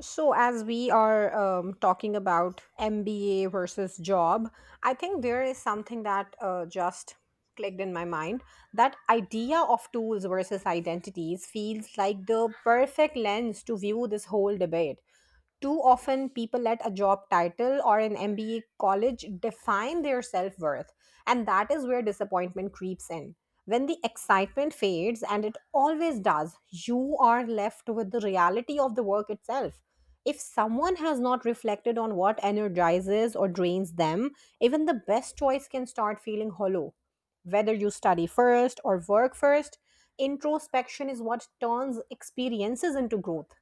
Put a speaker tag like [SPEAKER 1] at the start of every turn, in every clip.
[SPEAKER 1] So, as we are talking about MBA versus job, I think there is something that just clicked in my mind. That idea of tools versus identities feels like the perfect lens to view this whole debate. Too often, people let a job title or an MBA college define their self worth, and that is where disappointment creeps in. When the excitement fades, and it always does, you are left with the reality of the work itself. If someone has not reflected on what energizes or drains them, even the best choice can start feeling hollow. Whether you study first or work first, introspection is what turns experiences into growth.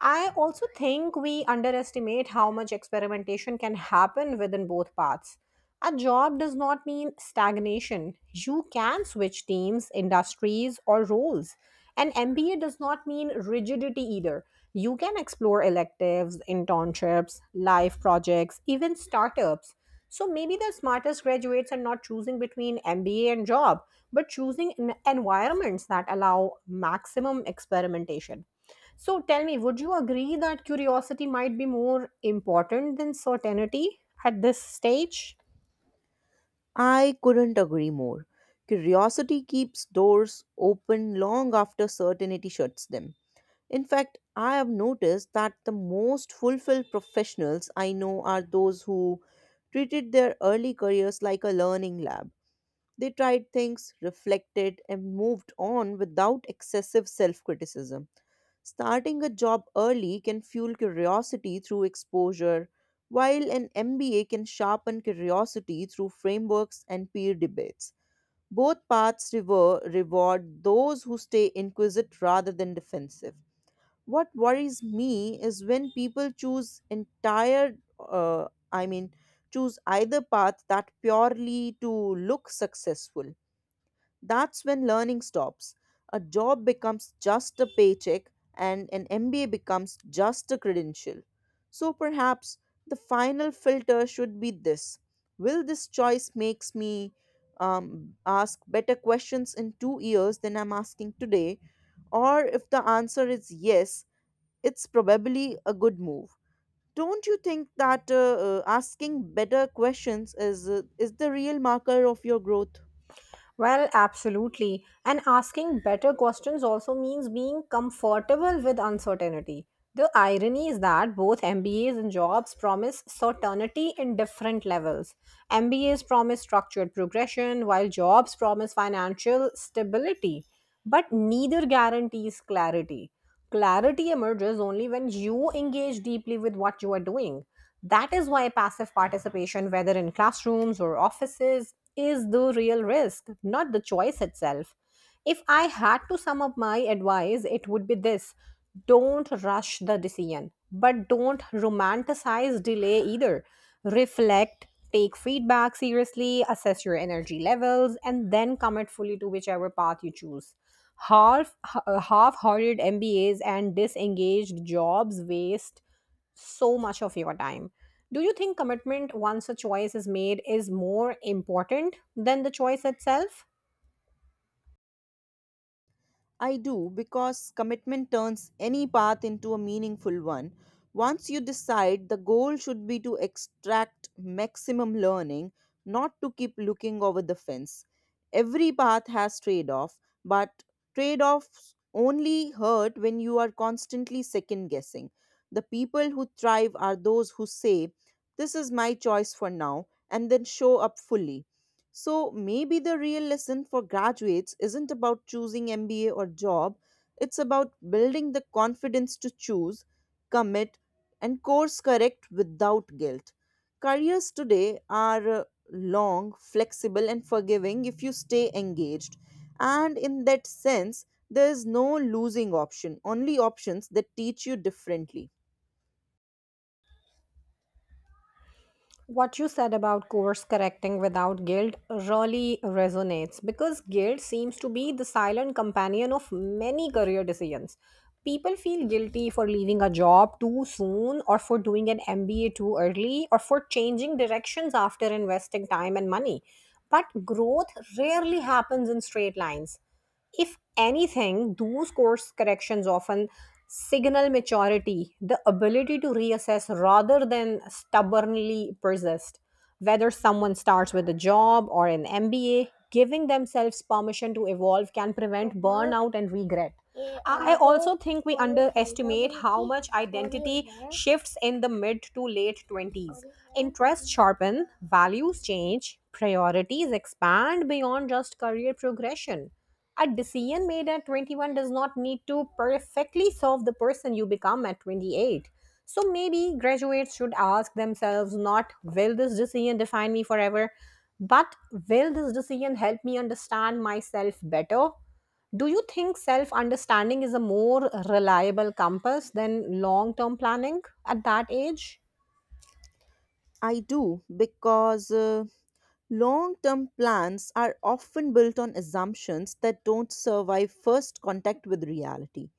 [SPEAKER 1] I also think we underestimate how much experimentation can happen within both paths. A job does not mean stagnation. You can switch teams, industries, or roles. An MBA does not mean rigidity either. You can explore electives, internships, life projects, even startups. So maybe the smartest graduates are not choosing between MBA and job, but choosing environments that allow maximum experimentation. So tell me, would you agree that curiosity might be more important than certainty at this stage?
[SPEAKER 2] I couldn't agree more. Curiosity keeps doors open long after certainty shuts them. In fact, I have noticed that the most fulfilled professionals I know are those who treated their early careers like a learning lab. They tried things, reflected, and moved on without excessive self criticism. Starting a job early can fuel curiosity through exposure, while an MBA can sharpen curiosity through frameworks and peer debates. Both paths reward those who stay inquisitive rather than defensive. What worries me is when people choose entire, I mean, choose either path that purely to look successful. That's when learning stops. A job becomes just a paycheck, and an MBA becomes just a credential. So perhaps the final filter should be this: will this choice makes me ask better questions in 2 years than I'm asking today? Or if the answer is yes, it's probably a good move. Don't you think that asking better questions is the real marker of your growth?
[SPEAKER 1] Well, absolutely. And asking better questions also means being comfortable with uncertainty. The irony is that both MBAs and jobs promise certainty in different levels. MBAs promise structured progression, while jobs promise financial stability, but neither guarantees clarity. Clarity emerges only when you engage deeply with what you are doing. That is why passive participation, whether in classrooms or offices, is the real risk, not the choice itself. If I had to sum up my advice, it would be this: don't rush the decision, but don't romanticize delay either. Reflect, take feedback seriously, assess your energy levels, and then commit fully to whichever path you choose. Half-hearted MBAs and disengaged jobs waste so much of your time. Do you think commitment once a choice is made is more important than the choice itself?
[SPEAKER 2] I do, because commitment turns any path into a meaningful one. Once you decide, the goal should be to extract maximum learning, not to keep looking over the fence. Every path has trade off, but trade offs only hurt when you are constantly second guessing. The people who thrive are those who say, "This is my choice for now," and then show up fully. So maybe the real lesson for graduates isn't about choosing MBA or job, it's about building the confidence to choose, commit, and course correct without guilt. Careers today are long, flexible, and forgiving if you stay engaged. And in that sense, there is no losing option, only options that teach you differently.
[SPEAKER 1] What you said about course correcting without guilt really resonates, because guilt seems to be the silent companion of many career decisions. People feel guilty for leaving a job too soon, or for doing an MBA too early, or for changing directions after investing time and money. But growth rarely happens in straight lines. If anything, those course corrections often signal maturity, the ability to reassess rather than stubbornly persist. Whether someone starts with a job or an MBA, giving themselves permission to evolve can prevent burnout and regret. I also think we underestimate how much identity shifts in the mid to late 20s. Interests sharpen, values change, priorities expand beyond just career progression. A decision made at 21 does not need to perfectly solve the person you become at 28. So maybe graduates should ask themselves not "will this decision define me forever?" but "will this decision help me understand myself better?" Do you think self understanding is a more reliable compass than long term planning at that age?
[SPEAKER 2] I do because long term plans are often built on assumptions that don't survive first contact with reality.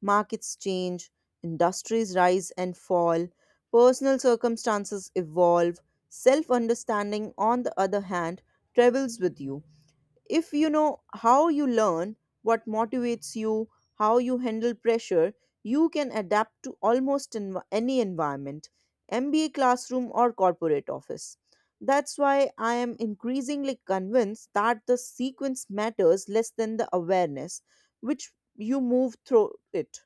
[SPEAKER 2] Markets change, industries rise and fall, personal circumstances evolve. Self understanding, on the other hand, travels with you. If you know how you learn, what motivates you, how you handle pressure, you can adapt to almost any environment, MBA classroom or corporate office. That's why I am increasingly convinced that the sequence matters less than the awareness which you move through it.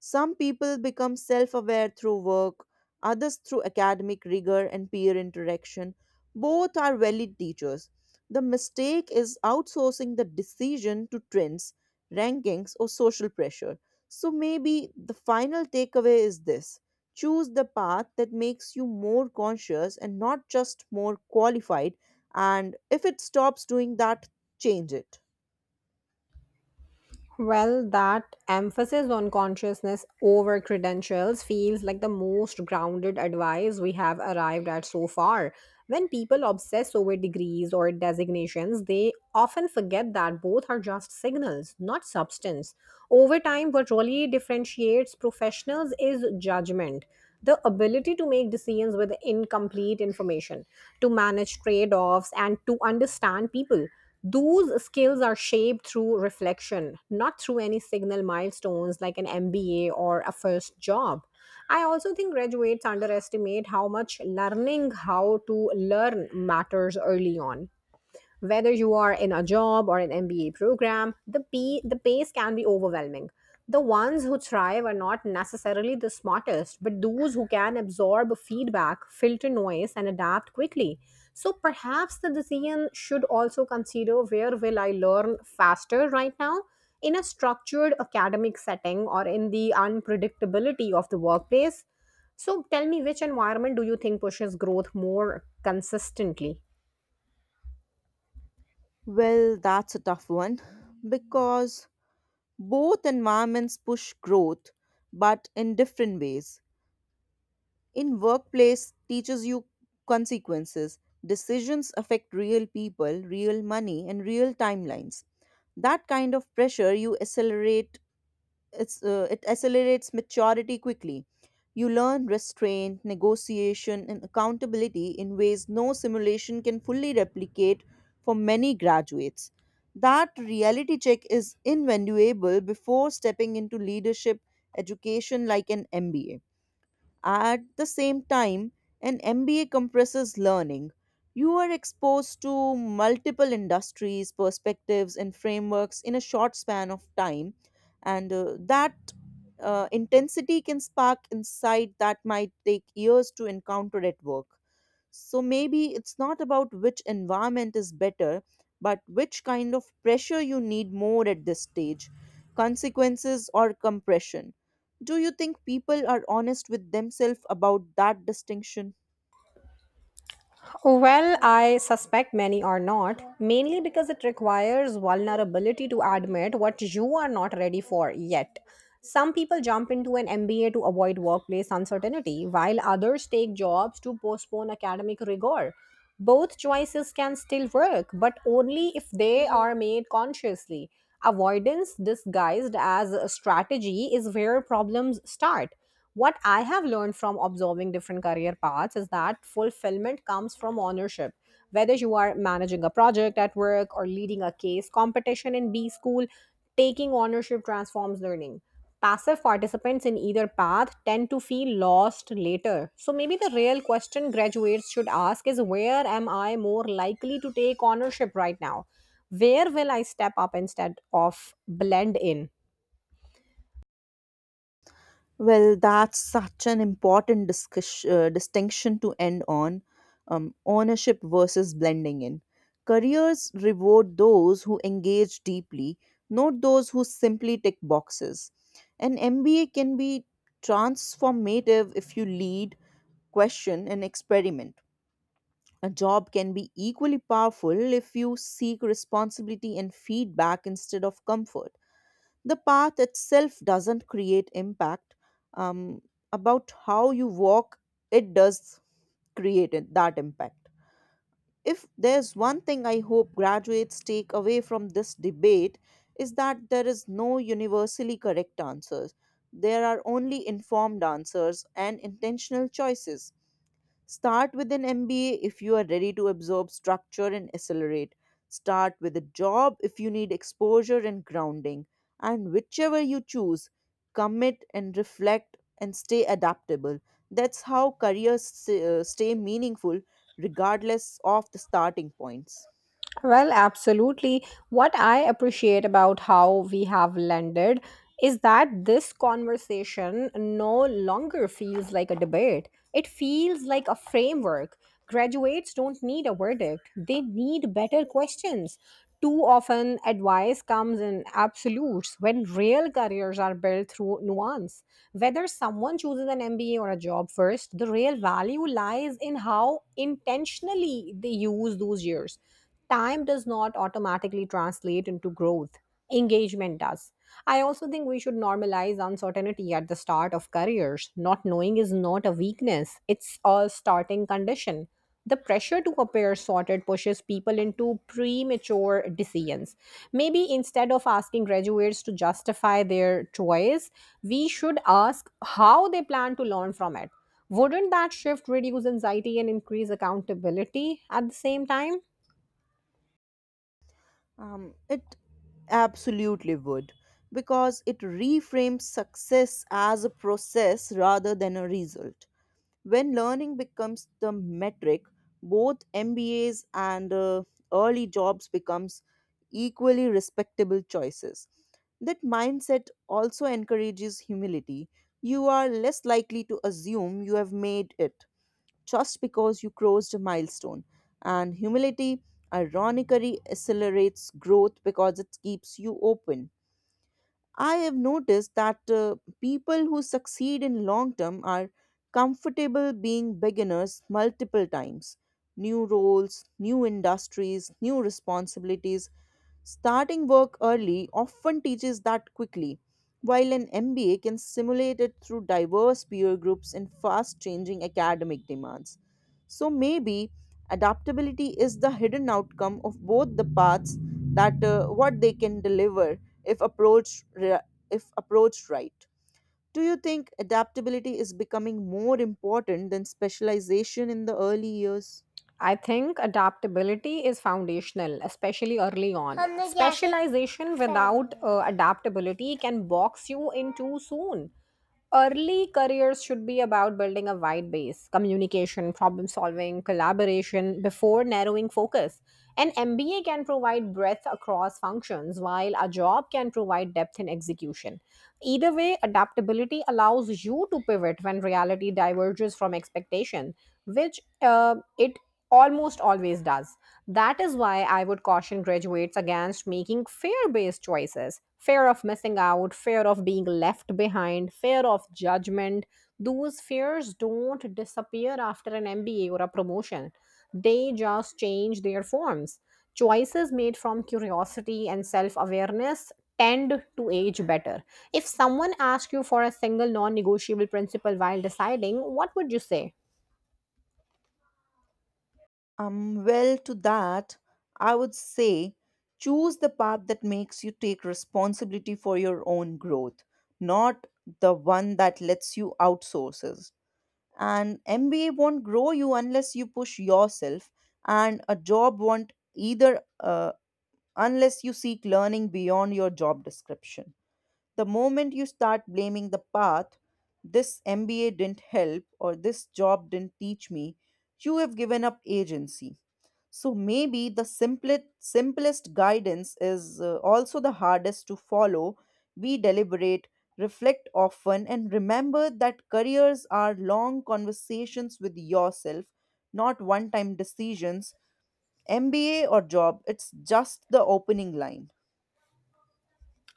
[SPEAKER 2] Some people become self aware through work, others through academic rigor and peer interaction. Both are valid teachers. The mistake is outsourcing the decision to trends, rankings, or social pressure. So maybe the final takeaway is this: choose the path that makes you more conscious and not just more qualified. And if it stops doing that, change it.
[SPEAKER 1] Well, that emphasis on consciousness over credentials feels like the most grounded advice we have arrived at so far. When people obsess over degrees or designations, they often forget that both are just signals, not substance. Over time, what really differentiates professionals is judgment. The ability to make decisions with incomplete information, to manage trade offs, and to understand people. Those skills are shaped through reflection, not through any signal milestones like an MBA or a first job. I also think graduates underestimate how much learning how to learn matters early on. Whether you are in a job or an MBA program, the pace can be overwhelming. The ones who thrive are not necessarily the smartest, but those who can absorb feedback, filter noise, and adapt quickly. So perhaps the decision should also consider, where will I learn faster right now? In a structured academic setting or in the unpredictability of the workplace? So tell me, which environment do you think pushes growth more consistently?
[SPEAKER 2] Well, that's a tough one, because both environments push growth, but in different ways. In workplace teaches you consequences. Decisions affect real people, real money, and real timelines. That kind of pressure you it accelerates maturity quickly. You learn restraint, negotiation, and accountability in ways no simulation can fully replicate. For many graduates, that reality check is invaluable before stepping into leadership education like an MBA. At the same time, an MBA compresses learning. You are exposed to multiple industries, perspectives, and frameworks in a short span of time, and that intensity can spark insight that might take years to encounter at work. So maybe it's not about which environment is better, but which kind of pressure you need more at this stage: consequences or compression. Do you think people are honest with themselves about that distinction?
[SPEAKER 1] Well, I suspect many are not, mainly because it requires vulnerability to admit what you are not ready for yet. Some people jump into an MBA to avoid workplace uncertainty, while others take jobs to postpone academic rigor. Both choices can still work, but only if they are made consciously. Avoidance disguised as a strategy is where problems start. What I have learned from observing different career paths is that fulfillment comes from ownership. Whether you are managing a project at work or leading a case competition in B school, taking ownership transforms learning. Passive participants in either path tend to feel lost later. So maybe the real question graduates should ask is, where am I more likely to take ownership right now? Where will I step up instead of blend in?
[SPEAKER 2] Well, that's such an important distinction to end on, ownership versus blending in. Careers reward those who engage deeply, not those who simply tick boxes. An MBA can be transformative if you lead, question, and experiment. A job can be equally powerful if you seek responsibility and feedback instead of comfort. The path itself doesn't create impact, um, about how you walk it does create that impact. If there's one thing I hope graduates take away from this debate, is that there is no universally correct answers, there are only informed answers and intentional choices. Start with an MBA if you are ready to absorb structure and accelerate. Start with a job if you need exposure and grounding. And whichever you choose, commit and reflect and stay adaptable. That's how careers stay meaningful regardless of the starting points.
[SPEAKER 1] Well, absolutely. What I appreciate about how we have landed is that this conversation no longer feels like a debate. It feels like a framework. Graduates don't need a verdict, they need better questions. Too often, advice comes in absolutes when real careers are built through nuance. Whether someone chooses an MBA or a job first, the real value lies in how intentionally they use those years. Time does not automatically translate into growth. Engagement does. I also think we should normalize uncertainty at the start of careers. Not knowing is not a weakness, it's a starting condition. The pressure to appear sorted pushes people into premature decisions. Maybe instead of asking graduates to justify their choice, we should ask how they plan to learn from it. Wouldn't that shift reduce anxiety and increase accountability at the same time?
[SPEAKER 2] It absolutely would, because it reframes success as a process rather than a result. When learning becomes the metric, both MBAs and early jobs becomes equally respectable choices. That mindset also encourages humility. You are less likely to assume you have made it just because you crossed a milestone. And humility ironically accelerates growth because it keeps you open. I have noticed that people who succeed in long term are comfortable being beginners multiple times. New roles, new industries, new responsibilities. Starting work early often teaches that quickly, while an MBA can simulate it through diverse peer groups and fast changing academic demands. So maybe adaptability is the hidden outcome of both the paths, that what they can deliver if approached ri- if approached right. Do you think adaptability is becoming more important than specialization in the early years?
[SPEAKER 1] I think adaptability is foundational, especially early on. हमने क्या Specialization without सही adaptability can box you in too soon. Early careers should be about building a wide base, communication, problem solving, collaboration, before narrowing focus. An MBA can provide breadth across functions, while a job can provide depth in execution. Either way, adaptability allows you to pivot when reality diverges from expectation, which it almost always does. That is why I would caution graduates against making fear based choices: fear of missing out, fear of being left behind, fear of judgment. Those fears don't disappear after an MBA or a promotion, they just change their forms. Choices made from curiosity and self awareness tend to age better. If someone asked you for a single non negotiable principle while deciding, what would you say?
[SPEAKER 2] Well, to that, I would say choose the path that makes you take responsibility for your own growth, not the one that lets you outsources. An MBA won't grow you unless you push yourself, and a job won't either, unless you seek learning beyond your job description. The moment you start blaming the path, "this MBA didn't help" or "this job didn't teach me," you have given up agency. So maybe the simplest guidance is also the hardest to follow. We deliberate, reflect often, and remember that careers are long conversations with yourself, not one time decisions. MBA or job, it's just the opening line.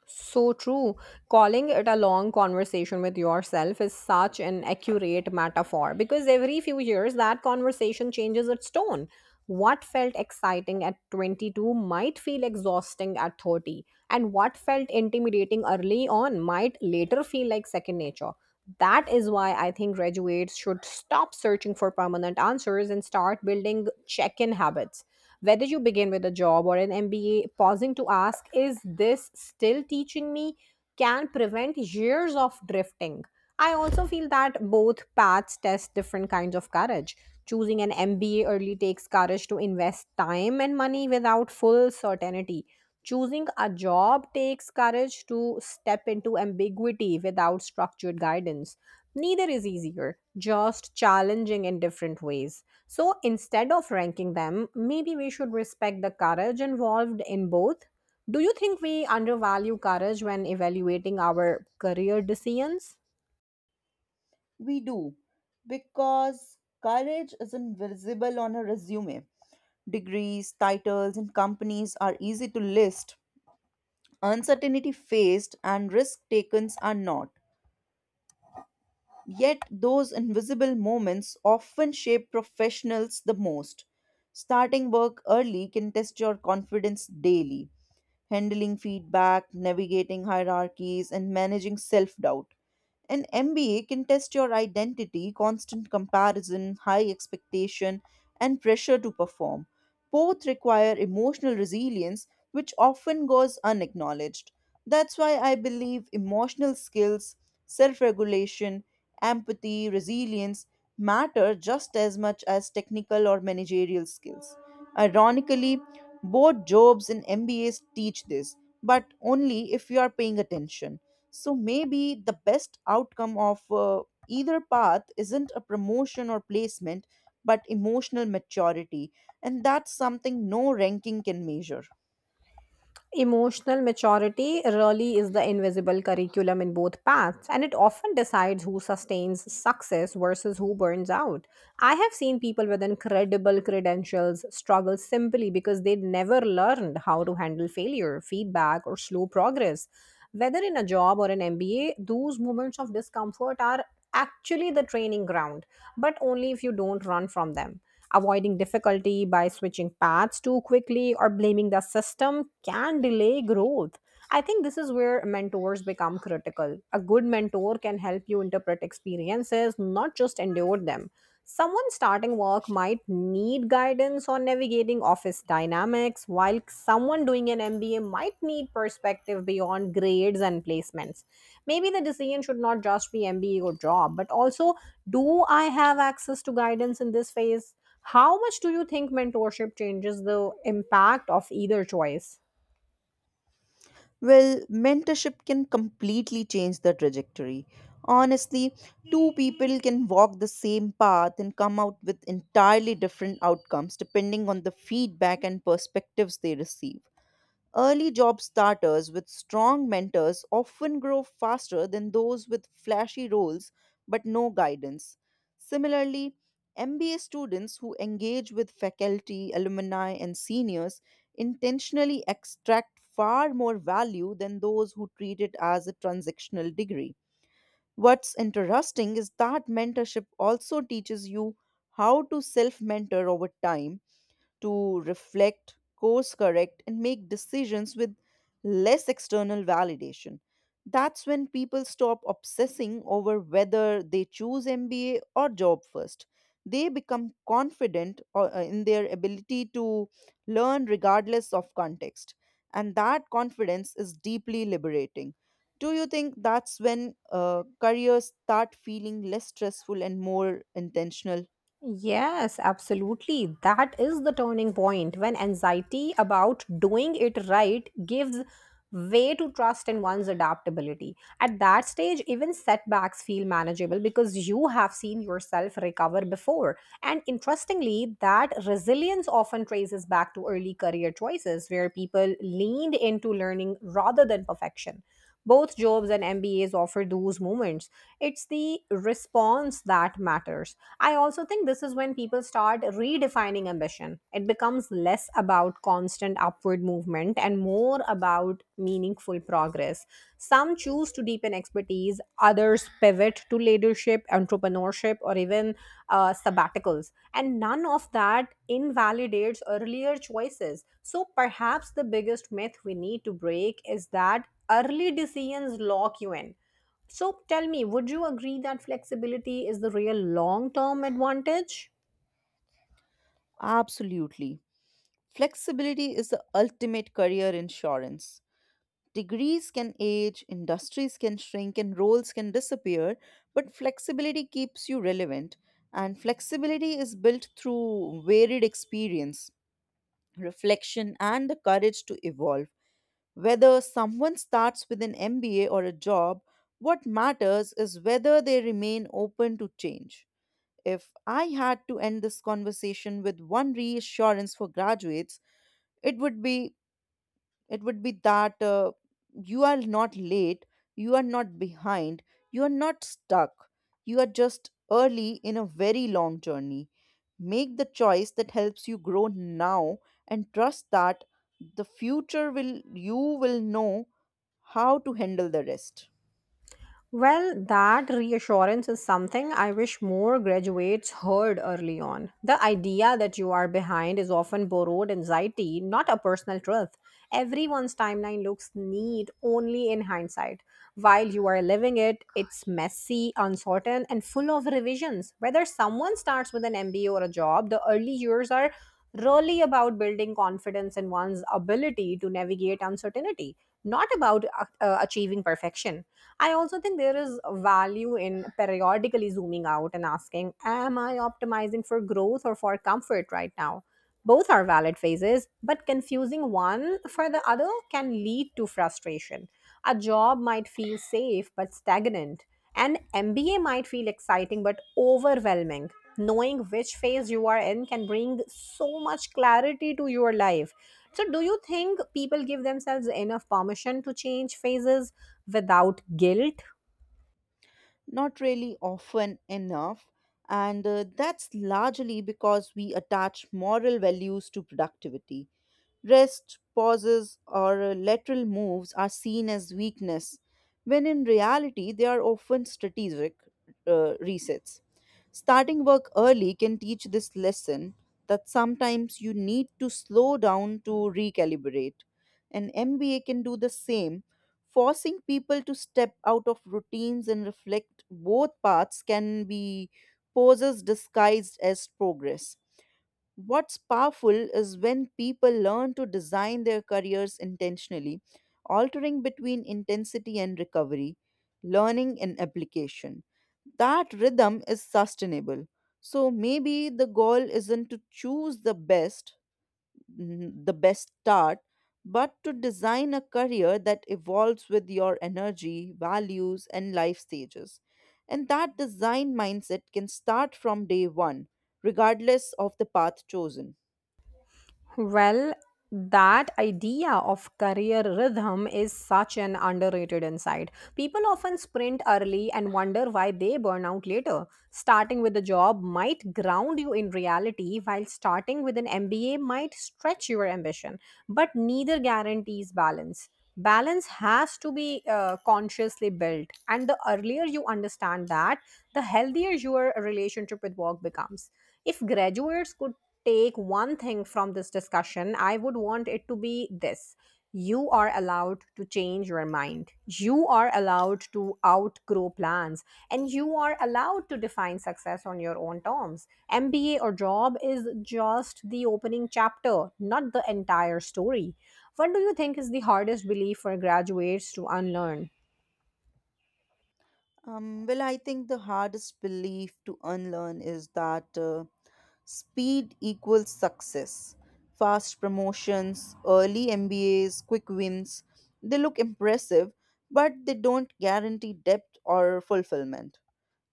[SPEAKER 1] So true. Calling it a long conversation with yourself is such an accurate metaphor, because every few years that conversation changes its tone. What felt exciting at 22 might feel exhausting at 30, and what felt intimidating early on might later feel like second nature. That is why I think graduates should stop searching for permanent answers and start building check in habits. Whether you begin with a job or an MBA, pausing to ask, "is this still teaching me?" can prevent years of drifting. I also feel that both paths test different kinds of courage. Choosing an MBA early takes courage to invest time and money without full certainty. Choosing a job takes courage to step into ambiguity without structured guidance. Neither is easier, just challenging in different ways. So instead of ranking them, maybe we should respect the courage involved in both. Do you think we undervalue courage when evaluating our career decisions?
[SPEAKER 2] We do, because courage isn't visible on a resume. Degrees, titles, and companies are easy to list. Uncertainty faced and risk taken are not. Yet, those invisible moments often shape professionals the most. Starting work early can test your confidence daily: handling feedback, navigating hierarchies, and managing self doubt. An MBA can test your identity, constant comparison, high expectation, and pressure to perform. Both require emotional resilience, which often goes unacknowledged. That's why I believe emotional skills, self regulation, empathy, resilience, matter just as much as technical or managerial skills. Ironically, both jobs and MBAs teach this, but only if you are paying attention. So maybe the best outcome of either path isn't a promotion or placement, but emotional maturity. And that's something no ranking can measure.
[SPEAKER 1] Emotional maturity really is the invisible curriculum in both paths, and it often decides who sustains success versus who burns out. I have seen people with incredible credentials struggle simply because they never learned how to handle failure, feedback, or slow progress. Whether in a job or an MBA, those moments of discomfort are actually the training ground, but only if you don't run from them. Avoiding difficulty by switching paths too quickly or blaming the system can delay growth. I think this is where mentors become critical. A good mentor can help you interpret experiences, not just endure them. Someone starting work might need guidance on navigating office dynamics, while someone doing an MBA might need perspective beyond grades and placements. Maybe the decision should not just be MBA or job, but also, do I have access to guidance in this phase? How much do you think mentorship changes the impact of either choice?
[SPEAKER 2] Well, mentorship can completely change the trajectory. Honestly, two people can walk the same path and come out with entirely different outcomes depending on the feedback and perspectives they receive. Early job starters with strong mentors often grow faster than those with flashy roles but no guidance. Similarly, MBA students who engage with faculty, alumni, and seniors intentionally extract far more value than those who treat it as a transactional degree. What's interesting is that mentorship also teaches you how to self mentor over time, to reflect, course correct, and make decisions with less external validation. That's when people stop obsessing over whether they choose MBA or job first. They become confident in their ability to learn regardless of context. And that confidence is deeply liberating. Do you think that's when careers start feeling less stressful and more intentional?
[SPEAKER 1] Yes, absolutely. That is the turning point, when anxiety about doing it right gives way to trust in one's adaptability. At that stage, even setbacks feel manageable because you have seen yourself recover before. And interestingly, that resilience often traces back to early career choices where people leaned into learning rather than perfection. Both jobs and MBAs offer those moments. It's the response that matters. I also think this is when people start redefining ambition. It becomes less about constant upward movement and more about meaningful progress. Some choose to deepen expertise, others pivot to leadership, entrepreneurship, or even sabbaticals. And none of that invalidates earlier choices. So perhaps the biggest myth we need to break is that early decisions lock you in. So tell me, would you agree that flexibility is the real long term advantage?
[SPEAKER 2] Absolutely. Flexibility is the ultimate career insurance. Degrees can age, industries can shrink, and roles can disappear, but flexibility keeps you relevant. And flexibility is built through varied experience, reflection, and the courage to evolve. Whether someone starts with an MBA or a job, what matters is whether they remain open to change. If I had to end this conversation with one reassurance for graduates, it would be it would be that you are not late, you are not behind, you are not stuck, you are just early in a very long journey. Make the choice that helps you grow now and trust that the future will you will know how to handle the rest.
[SPEAKER 1] Well, that reassurance is something I wish more graduates heard early on. The idea that you are behind is often borrowed anxiety, not a personal truth. Everyone's timeline looks neat only in hindsight. While you are living it, it's messy, uncertain, and full of revisions. Whether someone starts with an MBA or a job, the early years are really about building confidence in one's ability to navigate uncertainty, not about achieving perfection. I also think there is value in periodically zooming out and asking, am I optimizing for growth or for comfort right now? Both are valid phases, but confusing one for the other can lead to frustration. A job might feel safe but stagnant, an MBA might feel exciting but overwhelming. Knowing which phase you are in can bring so much clarity to your life. So, do you think people give themselves enough permission to change phases without guilt?
[SPEAKER 2] Not really, often enough, and that's largely because we attach moral values to productivity. Rest, pauses, or lateral moves are seen as weakness, when in reality, they are often strategic resets. Starting work early can teach this lesson that sometimes you need to slow down to recalibrate. An MBA can do the same. Forcing people to step out of routines and reflect, both paths can be poses disguised as progress. What's powerful is when people learn to design their careers intentionally, altering between intensity and recovery, learning and application. That rhythm is sustainable. So maybe the goal isn't to choose the best start, but to design a career that evolves with your energy, values, and life stages. And that design mindset can start from day 1, regardless of the path chosen.
[SPEAKER 1] Well, that idea of career rhythm is such an underrated insight. People often sprint early and wonder why they burn out later. Starting with a job might ground you in reality, while starting with an MBA might stretch your ambition, but neither guarantees balance. Balance has to be consciously built, and the earlier you understand that, the healthier your relationship with work becomes. If graduates could take one thing from this discussion, I would want it to be this. You are allowed to change your mind. You are allowed to outgrow plans and you are allowed to define success on your own terms. MBA or job is just the opening chapter, not the entire story. What do you think is the hardest belief for graduates to unlearn?
[SPEAKER 2] Well, I think the hardest belief to unlearn is that speed equals success. Fast promotions, early MBAs, quick wins, they look impressive, but they don't guarantee depth or fulfillment.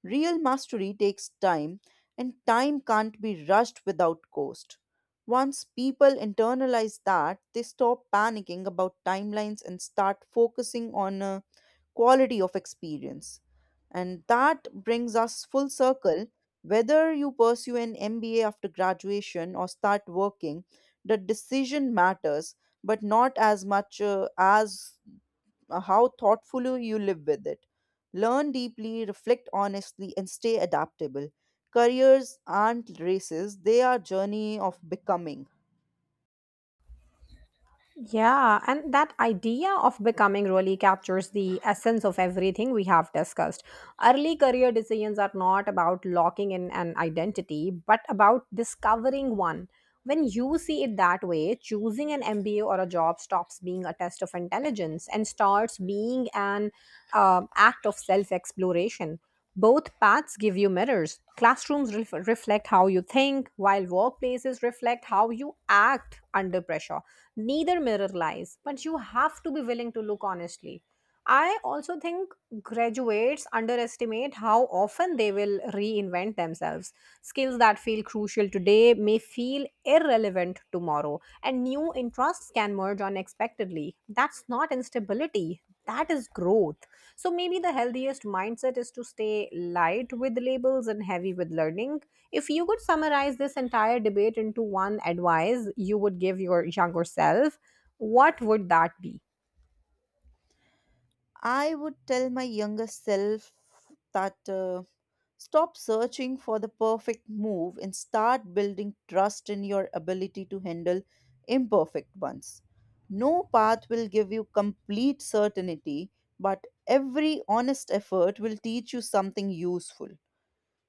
[SPEAKER 2] Real mastery takes time, and time can't be rushed without cost. Once people internalize that, they stop panicking about timelines and start focusing on quality of experience. And that brings us full circle. Whether you pursue an MBA after graduation or start working, the decision matters, but not as much as how thoughtfully you live with it. Learn deeply, reflect honestly, and stay adaptable. Careers aren't races, they are journey of becoming.
[SPEAKER 1] Yeah, and that idea of becoming really captures the essence of everything we have discussed. Early career decisions are not about locking in an identity, but about discovering one. When you see it that way, choosing an MBA or a job stops being a test of intelligence and starts being an act of self exploration. Both paths give you mirrors. Classrooms reflect how you think, while workplaces reflect how you act under pressure. Neither mirror lies, but you have to be willing to look honestly. I also think graduates underestimate how often they will reinvent themselves. Skills that feel crucial today may feel irrelevant tomorrow, and new interests can merge unexpectedly. That's not instability, that is growth. So maybe the healthiest mindset is to stay light with labels and heavy with learning. If you could summarize this entire debate into one advice you would give your younger self, what would that be?
[SPEAKER 2] I would tell my younger self that stop searching for the perfect move and start building trust in your ability to handle imperfect ones. No path will give you complete certainty, but every honest effort will teach you something useful.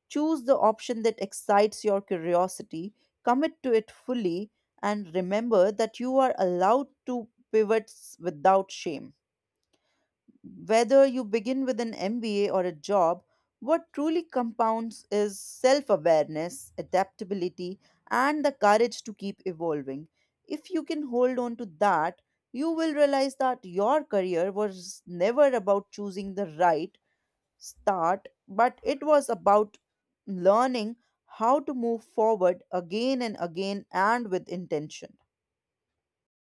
[SPEAKER 2] Choose the option that excites your curiosity, commit to it fully, and remember that you are allowed to pivot without shame. Whether you begin with an MBA or a job, what truly compounds is self awareness, adaptability, and the courage to keep evolving. If you can hold on to that, you will realize that your career was never about choosing the right start, but it was about learning how to move forward again and again and with intention.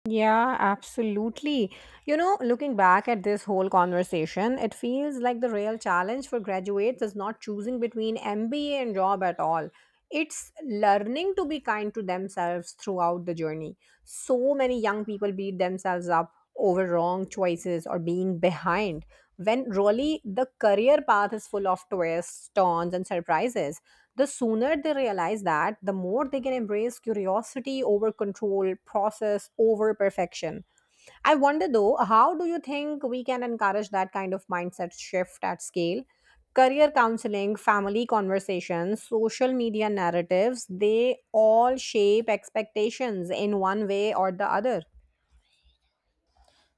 [SPEAKER 1] Yeah, absolutely. You know, looking back at this whole conversation, it feels like the real challenge for graduates is not choosing between MBA and job at all. It's learning to be kind to themselves throughout the journey. So many young people beat themselves up over wrong choices or being behind, when really the career path is full of twists, turns, and surprises the sooner they realize that, the more they can embrace curiosity over control, process over perfection. I wonder though, how do you think we can encourage that kind of mindset shift at scale? Career counseling, family conversations, social media narratives, they all shape expectations in one way or the other.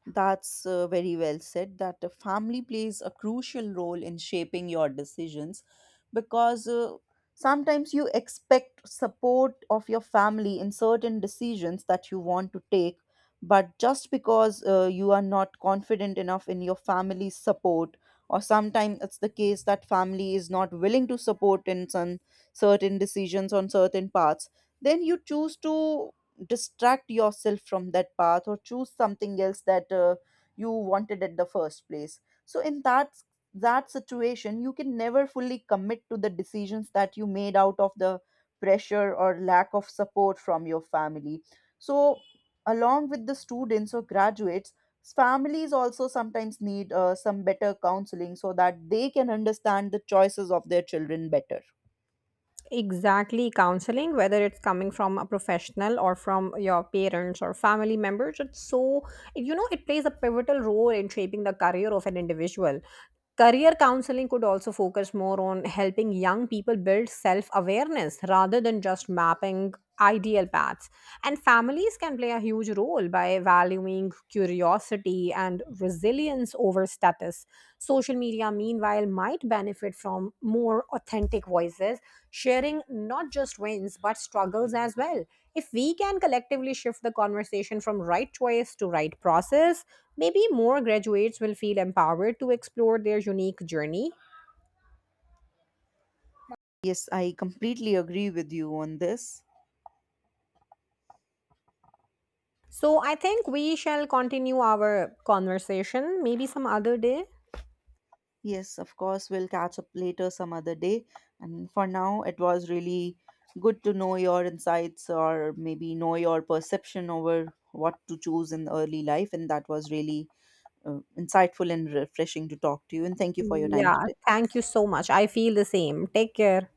[SPEAKER 2] That's very well said, that the family plays a crucial role in shaping your decisions, because sometimes you expect support of your family in certain decisions that you want to take, but just because you are not confident enough in your family's support, or sometimes it's the case that family is not willing to support in some certain decisions on certain parts, then you choose to distract yourself from that path or choose something else that you wanted at the first place. So in that situation, you can never fully commit to the decisions that you made out of the pressure or lack of support from your family. So along with the students or graduates, families also sometimes need some better counseling so that they can understand the choices of their children better.
[SPEAKER 1] Exactly, counseling, whether it's coming from a professional or from your parents or family members, it's so, you know, it plays a pivotal role in shaping the career of an individual. Career counseling could also focus more on helping young people build self awareness rather than just mapping ideal paths. And families can play a huge role by valuing curiosity and resilience over status. Social media, meanwhile, might benefit from more authentic voices sharing not just wins but struggles as well. If we can collectively shift the conversation from right choice to right process, maybe more graduates will feel empowered to explore their unique journey.
[SPEAKER 2] Yes, I completely agree with you on this.
[SPEAKER 1] So I think we shall continue our conversation maybe some other day.
[SPEAKER 2] Yes, of course, we'll catch up later some other day. And for now, it was really good to know your insights or maybe know your perception over what to choose in early life. And that was really insightful and refreshing to talk to you. And thank you for your time
[SPEAKER 1] Yeah,
[SPEAKER 2] today.
[SPEAKER 1] thank you so much. I feel the same. Take care.